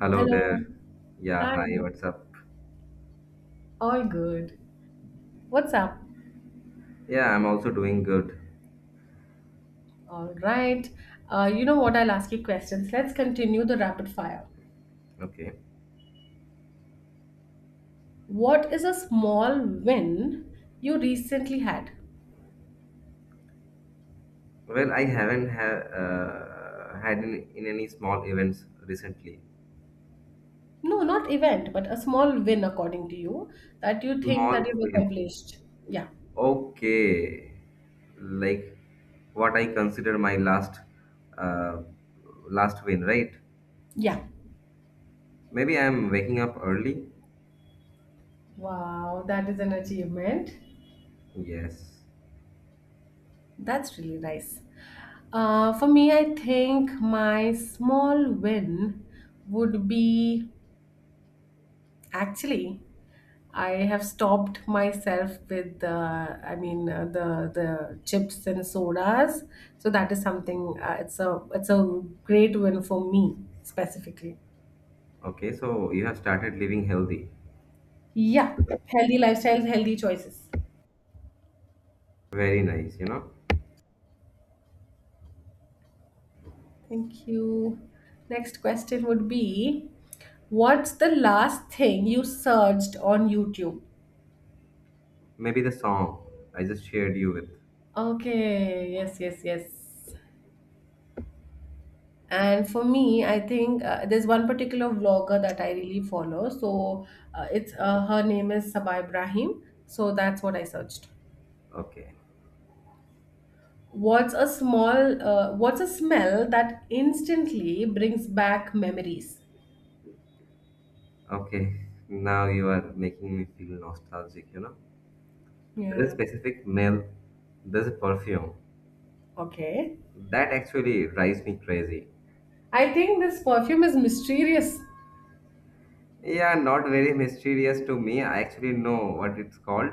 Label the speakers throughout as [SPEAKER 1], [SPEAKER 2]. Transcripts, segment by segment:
[SPEAKER 1] Hello
[SPEAKER 2] Hello.
[SPEAKER 1] there. Yeah,
[SPEAKER 2] Hi.
[SPEAKER 1] hi, what's up?
[SPEAKER 2] All good. What's up?
[SPEAKER 1] Yeah, I'm also doing good.
[SPEAKER 2] All right. You know what? I'll ask you questions. Let's continue the rapid fire.
[SPEAKER 1] Okay.
[SPEAKER 2] What is a small win you recently had?
[SPEAKER 1] Well, I haven't ha had in any small events recently.
[SPEAKER 2] No, not event, but a small win according to you that you think that
[SPEAKER 1] Small
[SPEAKER 2] you've
[SPEAKER 1] win.
[SPEAKER 2] accomplished. Yeah.
[SPEAKER 1] Okay. Like what I consider my last uh, last win, right?
[SPEAKER 2] Yeah.
[SPEAKER 1] Maybe I'm waking up early.
[SPEAKER 2] Wow, that is an achievement.
[SPEAKER 1] Yes.
[SPEAKER 2] That's really nice. For me, I think my small win would be actually I have stopped myself with the, I mean, the chips and sodas. So that is something. It's a great win for me specifically.
[SPEAKER 1] Okay, so you have started living healthy.
[SPEAKER 2] Yeah, healthy lifestyles, healthy choices.
[SPEAKER 1] Very nice,
[SPEAKER 2] Thank you. Next question would be, what's the last thing you searched on YouTube?
[SPEAKER 1] Maybe the song I just shared you with.
[SPEAKER 2] Okay. Yes. Yes. Yes. And for me, I think there's one particular vlogger that I really follow. So it's her name is Sabah Ibrahim. So that's what I searched.
[SPEAKER 1] Okay.
[SPEAKER 2] What's a small, what's a smell that instantly brings back memories?
[SPEAKER 1] Okay, now you are making me feel nostalgic, There is a
[SPEAKER 2] Yeah.
[SPEAKER 1] specific smell, there's a perfume.
[SPEAKER 2] Okay.
[SPEAKER 1] That actually drives me crazy.
[SPEAKER 2] I think this perfume is mysterious.
[SPEAKER 1] Yeah, not very mysterious to me. I actually know what it's called.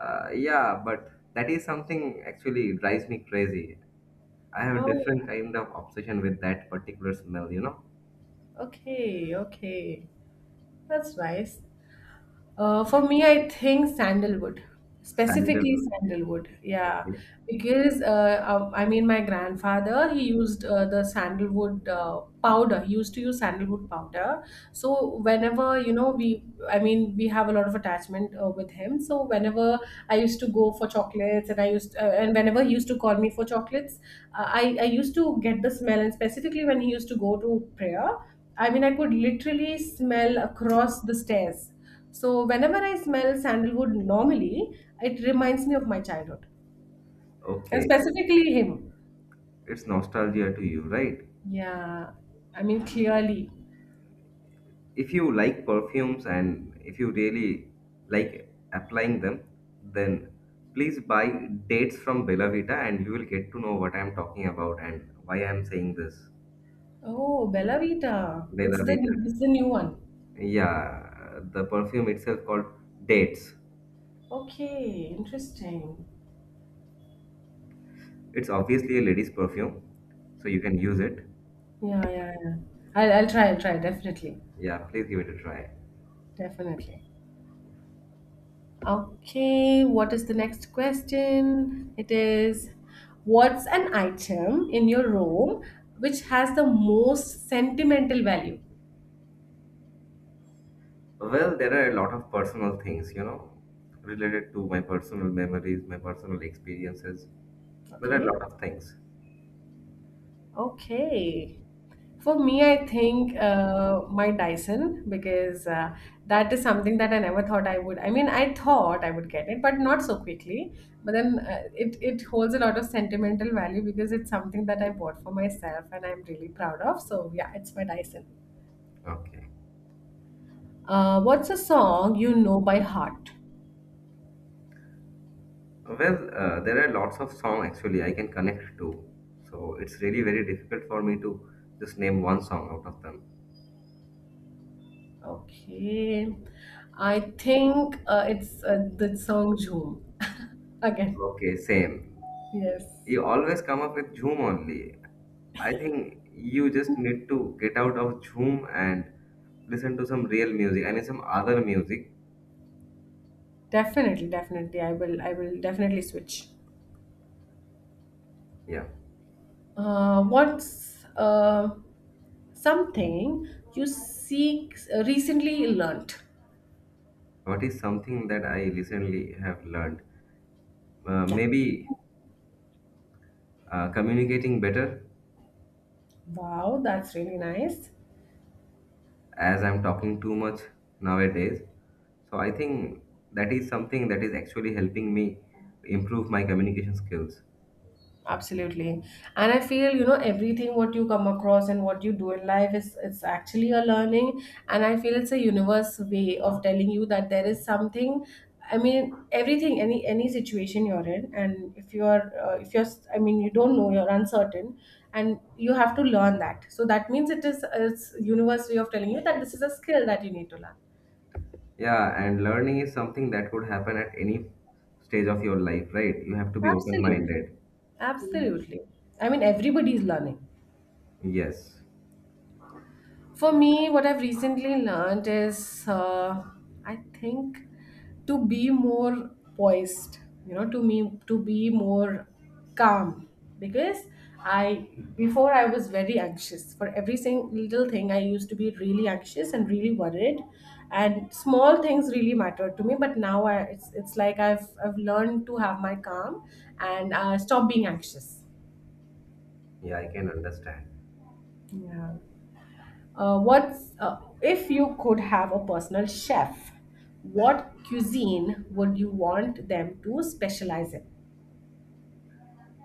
[SPEAKER 1] Yeah, but that is something actually drives me crazy. I have a different
[SPEAKER 2] Oh,
[SPEAKER 1] kind of obsession with that particular smell,
[SPEAKER 2] okay, okay. That's nice. For me, I think sandalwood, specifically
[SPEAKER 1] Sandalwood.
[SPEAKER 2] sandalwood. Yeah,
[SPEAKER 1] Okay.
[SPEAKER 2] because I mean, my grandfather he used the sandalwood powder. He used to use sandalwood powder. So whenever we, I mean, we have a lot of attachment with him. So whenever I used to go for chocolates, and I used and whenever he used to call me for chocolates, I used to get the smell, and specifically when he used to go to prayer. I mean, I could literally smell across the stairs so whenever I smell sandalwood normally, it reminds me of my childhood, and
[SPEAKER 1] Okay.
[SPEAKER 2] specifically him.
[SPEAKER 1] It's nostalgia to you, right?
[SPEAKER 2] Yeah, I mean clearly.
[SPEAKER 1] If you like perfumes and if you really like applying them, then please buy Dates from Bella Vita, and you will get to know what I'm talking about and why I'm saying this.
[SPEAKER 2] Oh, Bella Vita. It's
[SPEAKER 1] Bella
[SPEAKER 2] the
[SPEAKER 1] Vita.
[SPEAKER 2] it's the new one.
[SPEAKER 1] Yeah, the perfume itself called Dates.
[SPEAKER 2] Okay, interesting.
[SPEAKER 1] It's obviously a lady's perfume, so you can use it.
[SPEAKER 2] Yeah, yeah, yeah. I'll try. I'll try. Definitely,
[SPEAKER 1] Yeah, please give it a try.
[SPEAKER 2] definitely. Okay, what is the next question? It is, what's an item in your room which has the most sentimental value?
[SPEAKER 1] Well, there are a lot of personal things, you know, related to my personal memories, my personal experiences. There are a
[SPEAKER 2] Okay.
[SPEAKER 1] lot of things.
[SPEAKER 2] Okay. For me, I think my Dyson because that is something that I never thought I would. I mean, I thought I would get it, but not so quickly. But then it holds a lot of sentimental value because it's something that I bought for myself and I'm really proud of. So yeah, it's my Dyson.
[SPEAKER 1] Okay.
[SPEAKER 2] What's a song you know by heart?
[SPEAKER 1] Well, there are lots of song actually I can connect to. So it's really very difficult for me to just name one song out of them.
[SPEAKER 2] Okay, I think it's the song "Zoom" again.
[SPEAKER 1] Okay, same.
[SPEAKER 2] Yes.
[SPEAKER 1] You always come up with Zoom only. I think you just need to get out of Zoom and listen to some real music. I mean, some other music.
[SPEAKER 2] Definitely, definitely. I will definitely switch.
[SPEAKER 1] Yeah.
[SPEAKER 2] What's something you seek recently learned?
[SPEAKER 1] What is something that I recently have learned?
[SPEAKER 2] Yeah.
[SPEAKER 1] Maybe communicating better
[SPEAKER 2] Wow, that's really nice.
[SPEAKER 1] as I'm talking too much nowadays. So I think that is something that is actually helping me improve my communication skills.
[SPEAKER 2] Absolutely. And I feel, you know, everything what you come across and what you do in life is it's actually a learning. And I feel it's a universe way of telling you that there is something I mean, everything, any situation you're in, and if you're, I mean, you don't know, you're uncertain, and you have to learn that. So that means it's universe way of telling you that this is a skill that you need to learn.
[SPEAKER 1] Yeah, and learning is something that could happen at any stage of your life, right? You have to be open
[SPEAKER 2] Absolutely,
[SPEAKER 1] minded.
[SPEAKER 2] absolutely. I mean, everybody is learning.
[SPEAKER 1] Yes.
[SPEAKER 2] For me, what I've recently learned is, I think, to be more poised. You know, to me, to be more calm because I before I was very anxious for every single little thing. I used to be really anxious and really worried, and small things really mattered to me. But it's like I've learned to have my calm and stop being anxious.
[SPEAKER 1] Yeah, I can understand.
[SPEAKER 2] Yeah. What's if you could have a personal chef, what cuisine would you want them to specialize in?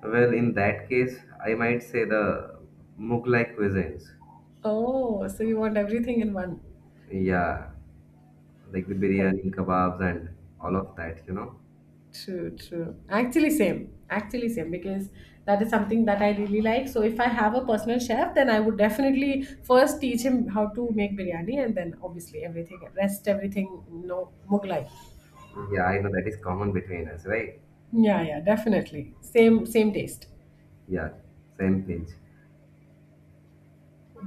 [SPEAKER 1] Well, in that case, I might say the Mughlai cuisines.
[SPEAKER 2] Oh, so you want everything in one.
[SPEAKER 1] Yeah, like the
[SPEAKER 2] Correct.
[SPEAKER 1] biryani, kebabs, and all of that, you know?
[SPEAKER 2] True, true. Actually, same. Actually, same because that is something that I really like. So, if I have a personal chef, then I would definitely first teach him how to make biryani and then obviously everything, rest everything, no Mughlai.
[SPEAKER 1] Yeah, I know that is common between us, right?
[SPEAKER 2] Yeah, yeah, definitely. Same, same taste.
[SPEAKER 1] Yeah, same pinch.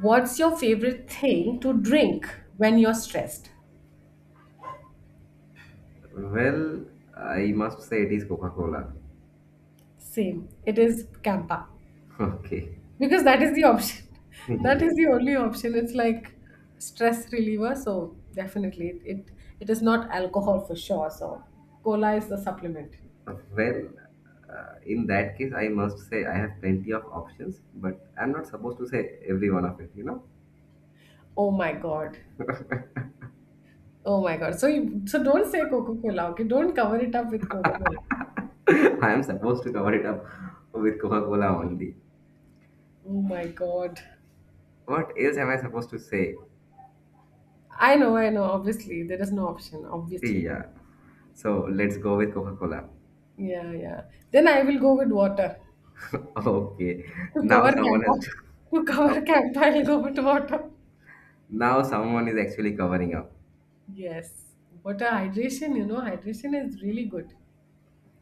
[SPEAKER 2] What's your favorite thing to drink when you're stressed?
[SPEAKER 1] Well, I must say it is Coca-Cola.
[SPEAKER 2] Same. It is Campa.
[SPEAKER 1] Okay.
[SPEAKER 2] Because that is the option. That
[SPEAKER 1] Yeah.
[SPEAKER 2] is the only option. It's like stress reliever, so definitely it is not alcohol for sure. So cola is the supplement.
[SPEAKER 1] Well, in that case, I must say I have plenty of options, but I'm not supposed to say every one of it, you know?
[SPEAKER 2] Oh my god. Oh my god. So you so don't say Coca-Cola, okay? Don't cover it up with Coca-Cola.
[SPEAKER 1] I am supposed to cover it up with Coca-Cola only.
[SPEAKER 2] Oh my god.
[SPEAKER 1] What else am I supposed to say?
[SPEAKER 2] I know, obviously. There is no option, obviously.
[SPEAKER 1] Yeah. So let's go with Coca-Cola.
[SPEAKER 2] Yeah, yeah. Then I will go with water.
[SPEAKER 1] Okay.
[SPEAKER 2] To
[SPEAKER 1] Now
[SPEAKER 2] cover
[SPEAKER 1] someone has
[SPEAKER 2] Kappa,
[SPEAKER 1] to,
[SPEAKER 2] to
[SPEAKER 1] now,
[SPEAKER 2] cover Kappa, I'll go with water.
[SPEAKER 1] now someone is actually covering up.
[SPEAKER 2] Yes. Water hydration, you know, hydration is really good.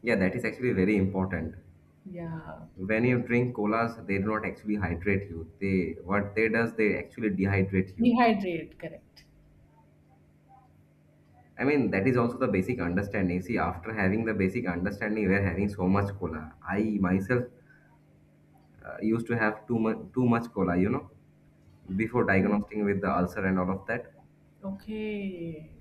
[SPEAKER 1] Yeah, that is actually very important.
[SPEAKER 2] Yeah.
[SPEAKER 1] When you drink colas, they do not actually hydrate you. They what they does, they actually dehydrate you.
[SPEAKER 2] Dehydrate, correct.
[SPEAKER 1] I mean, that is also the basic understanding. See, after having the basic understanding, we are having so much cola. I myself used to have too much cola, you know, before diagnosing with the ulcer and all of that.
[SPEAKER 2] Okay.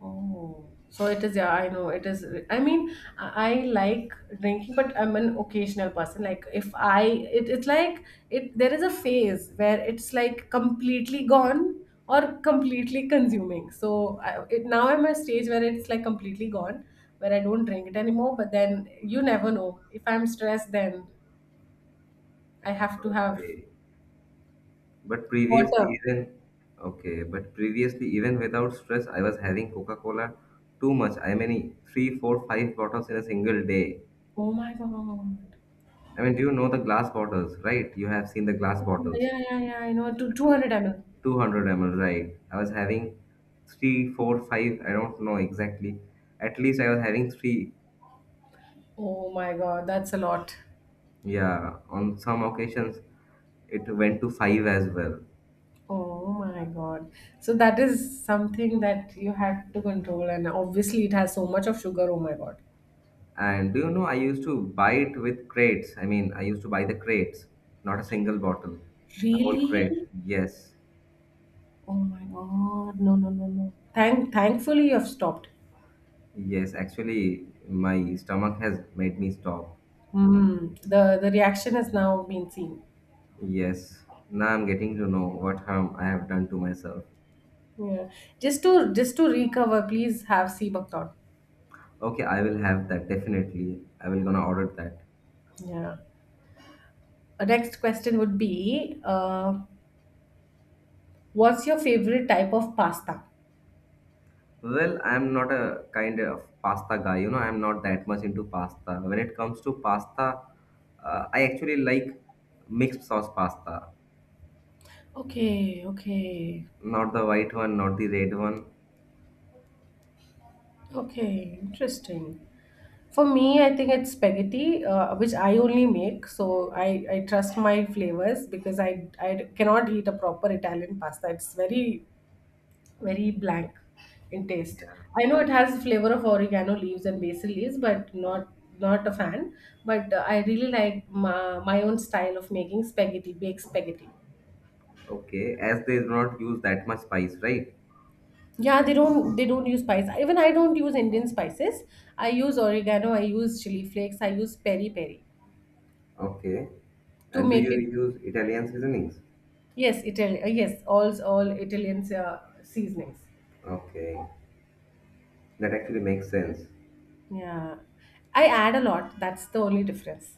[SPEAKER 2] Oh, so it is, yeah, I know it is. I mean, I like drinking, but I'm an occasional person. Like, if I, it, it's like, there is a phase where it's like completely gone or completely consuming. So now I'm at a stage where it's like completely gone, where I don't drink it anymore. But then you never know. If I'm stressed, then I have to have
[SPEAKER 1] Okay, but previously
[SPEAKER 2] water.
[SPEAKER 1] even okay, but previously even without stress, I was having Coca Cola too much. I mean, three, four, five bottles in a single day.
[SPEAKER 2] Oh my God.
[SPEAKER 1] I mean, do you know the glass bottles, right? You have seen the glass
[SPEAKER 2] Yeah,
[SPEAKER 1] bottles,
[SPEAKER 2] yeah, yeah, yeah. I know. Two
[SPEAKER 1] two,
[SPEAKER 2] 200 ml.
[SPEAKER 1] 200 ml, right? I was having three, four, five, I don't know exactly. At least I was having three.
[SPEAKER 2] Oh my God, that's a lot.
[SPEAKER 1] Yeah, on some occasions it went to five as well.
[SPEAKER 2] Oh my God. So that is something that you had to control, and obviously it has so much of sugar. Oh my God.
[SPEAKER 1] And do you know, I used to buy it with crates. I mean, I used to buy the crates, not a single bottle, the whole crate.
[SPEAKER 2] Really?
[SPEAKER 1] Yes,
[SPEAKER 2] Oh my God. No, no, no, no. Thankfully you have stopped.
[SPEAKER 1] yes, actually, my stomach has made me stop.
[SPEAKER 2] Hmm. The reaction has now been seen.
[SPEAKER 1] Yes, now I'm getting to know what harm I have done to myself.
[SPEAKER 2] Yeah. Just to recover, please have sea buckthorn.
[SPEAKER 1] Okay, I will have that definitely. I will gonna order that.
[SPEAKER 2] Yeah. Our next question would be, what's your favorite type of pasta?
[SPEAKER 1] Well, I'm not a kind of pasta guy, you know, I'm not that much into pasta. When it comes to pasta, I actually like mixed sauce pasta,
[SPEAKER 2] Okay, okay,
[SPEAKER 1] not the white one, not the red one.
[SPEAKER 2] okay. Interesting. For me, I think it's spaghetti, which I only make. So I trust my flavors because I cannot eat a proper Italian pasta. It's very, very blank in taste.
[SPEAKER 1] Yeah,
[SPEAKER 2] I know it has flavor of oregano leaves and basil leaves, but not a fan. But I really like my own style of making spaghetti, baked spaghetti.
[SPEAKER 1] okay, as they do not use that much spice, right?
[SPEAKER 2] Yeah, they don't use spice. Even I don't use Indian spices. I use oregano, I use chili flakes, I use peri peri
[SPEAKER 1] Okay,
[SPEAKER 2] to
[SPEAKER 1] and do
[SPEAKER 2] make
[SPEAKER 1] you
[SPEAKER 2] it.
[SPEAKER 1] use Italian seasonings?
[SPEAKER 2] Yes, Italian. Yes, all Italian seasonings.
[SPEAKER 1] Okay, that actually makes sense.
[SPEAKER 2] Yeah, I add a lot. That's the only difference.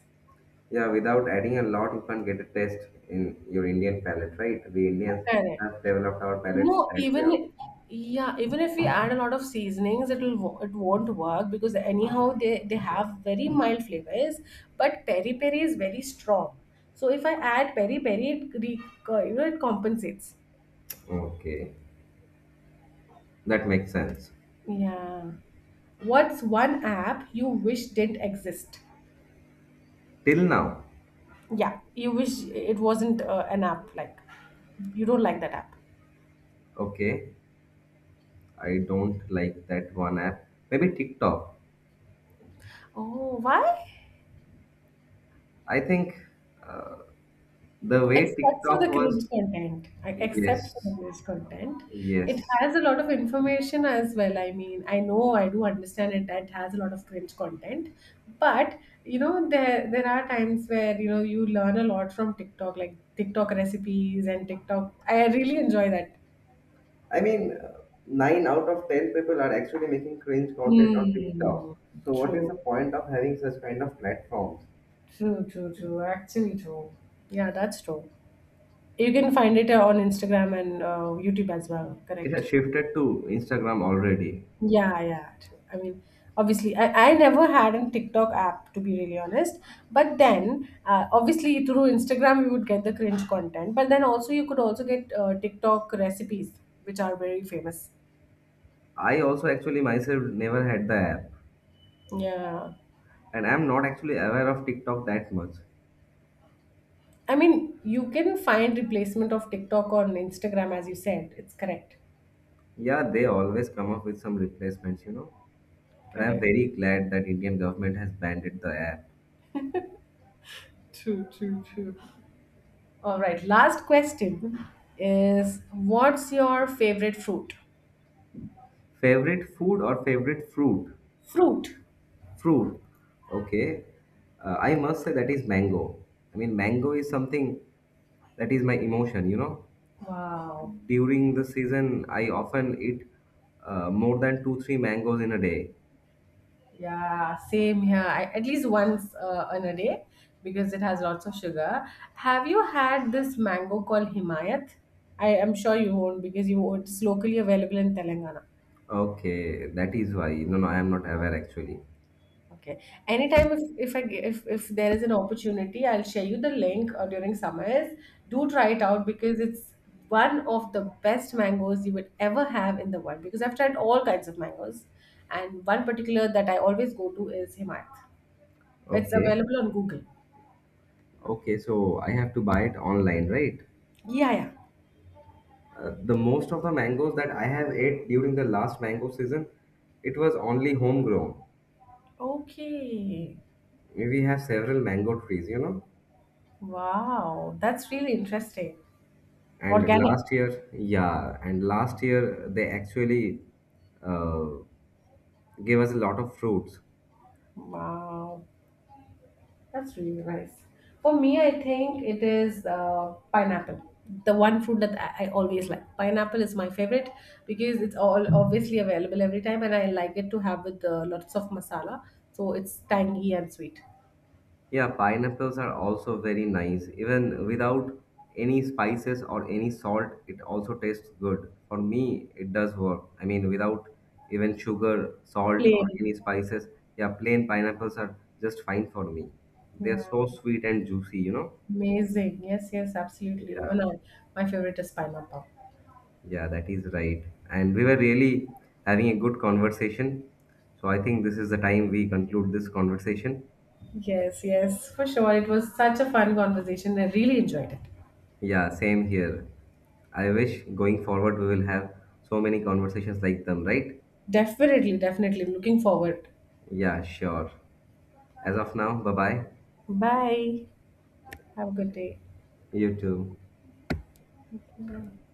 [SPEAKER 1] Yeah, without adding a lot, you can't get a taste in your Indian palate, right? We Indians
[SPEAKER 2] Correct.
[SPEAKER 1] have developed our palate
[SPEAKER 2] No,
[SPEAKER 1] that way only.
[SPEAKER 2] even yeah, even if we add a lot of seasonings, it'll it won't work because anyhow they have very mild flavors, but peri peri is very strong. So if I add peri peri, you know it compensates.
[SPEAKER 1] Okay, that makes sense.
[SPEAKER 2] Yeah. What's one app you wish didn't exist?
[SPEAKER 1] Till now,
[SPEAKER 2] Yeah, you wish it wasn't an app. Like, you don't like that app.
[SPEAKER 1] okay, I don't like that one app. Maybe TikTok.
[SPEAKER 2] Oh, why?
[SPEAKER 1] I think uh, the way
[SPEAKER 2] Except for
[SPEAKER 1] TikTok
[SPEAKER 2] the
[SPEAKER 1] was,
[SPEAKER 2] cringe content. Except for
[SPEAKER 1] yes,
[SPEAKER 2] the cringe content. It
[SPEAKER 1] yes.
[SPEAKER 2] has a lot of information as well. I mean, I know I do understand it that has a lot of cringe content. But you know, there are times where you know you learn a lot from TikTok, like TikTok recipes and TikTok. I really enjoy that.
[SPEAKER 1] I mean, nine out of ten people are actually making cringe content on TikTok.
[SPEAKER 2] Hmm.
[SPEAKER 1] So, what is the
[SPEAKER 2] True.
[SPEAKER 1] point of having such kind of platforms?
[SPEAKER 2] True, true, true. Actually true. Yeah, that's true. You can find it on Instagram and YouTube as well,
[SPEAKER 1] It
[SPEAKER 2] correct?
[SPEAKER 1] has shifted to Instagram already.
[SPEAKER 2] Yeah, yeah. I mean, obviously, I never had a TikTok app to be really honest. But then, obviously, through Instagram, you would get the cringe content. But then also, you could also get TikTok recipes, which are very famous.
[SPEAKER 1] I also actually myself never had the app,
[SPEAKER 2] Yeah.
[SPEAKER 1] and I'm not actually aware of TikTok that much.
[SPEAKER 2] I mean, you can find replacement of TikTok on Instagram, as you said. It's correct.
[SPEAKER 1] Yeah, they always come up with some replacements, you know. But I'm
[SPEAKER 2] Correct.
[SPEAKER 1] very glad that Indian government has banned it, the app.
[SPEAKER 2] True, true, true. All right, last question is what's your favorite fruit?
[SPEAKER 1] Favorite food or favorite fruit?
[SPEAKER 2] Fruit.
[SPEAKER 1] Fruit. Okay. I must say that is mango. I mean, mango is something that is my emotion, you know.
[SPEAKER 2] Wow.
[SPEAKER 1] During the season, I often eat more than two, three mangoes in a day.
[SPEAKER 2] Yeah, same here. I, at least once in a day because it has lots of sugar. Have you had this mango called Himayat? I am sure you won't because you it's locally available in Telangana.
[SPEAKER 1] Okay, that is why. No, no, I am not aware actually.
[SPEAKER 2] Okay. Anytime if I ge- if there is an opportunity, I'll share you the link during summers. Do try it out because it's one of the best mangoes you would ever have in the world. Because I've tried all kinds of mangoes, and one particular that I always go to is Himayat. It's
[SPEAKER 1] Okay,
[SPEAKER 2] available on Google.
[SPEAKER 1] okay. So I have to buy it online, right?
[SPEAKER 2] Yeah, yeah.
[SPEAKER 1] The most of the mangoes that I have ate during the last mango season, it was only homegrown.
[SPEAKER 2] Okay.
[SPEAKER 1] We have several mango trees, you know.
[SPEAKER 2] Wow, that's really interesting.
[SPEAKER 1] And
[SPEAKER 2] Organic.
[SPEAKER 1] last year, yeah, and last year they actually uh, gave us a lot of fruits.
[SPEAKER 2] Wow. That's really nice. For me, I think it is pineapple. The one fruit that I always like. Pineapple is my favorite because it's all obviously available every time, and I like it to have with lots of masala. So it's tangy and sweet.
[SPEAKER 1] Yeah, pineapples are also very nice. Even without any spices or any salt, it also tastes good. For me, it does work. I mean, without even sugar, salt, or
[SPEAKER 2] Plain.
[SPEAKER 1] any spices, yeah, plain pineapples are just fine for me. They're
[SPEAKER 2] Yeah.
[SPEAKER 1] so sweet and juicy, you know?
[SPEAKER 2] Amazing. Yes, yes, absolutely.
[SPEAKER 1] Yeah,
[SPEAKER 2] My favorite is pineapple.
[SPEAKER 1] yeah, that is right. And we were really having a good conversation. So I think this is the time we conclude this conversation.
[SPEAKER 2] Yes, yes, for sure. It was such a fun conversation. I really enjoyed it.
[SPEAKER 1] Yeah, same here. I wish going forward we will have so many conversations like them, right?
[SPEAKER 2] Definitely, definitely. Looking forward.
[SPEAKER 1] Yeah, sure. As of now, bye bye.
[SPEAKER 2] Bye. Have a good day.
[SPEAKER 1] You too.
[SPEAKER 2] Thank you.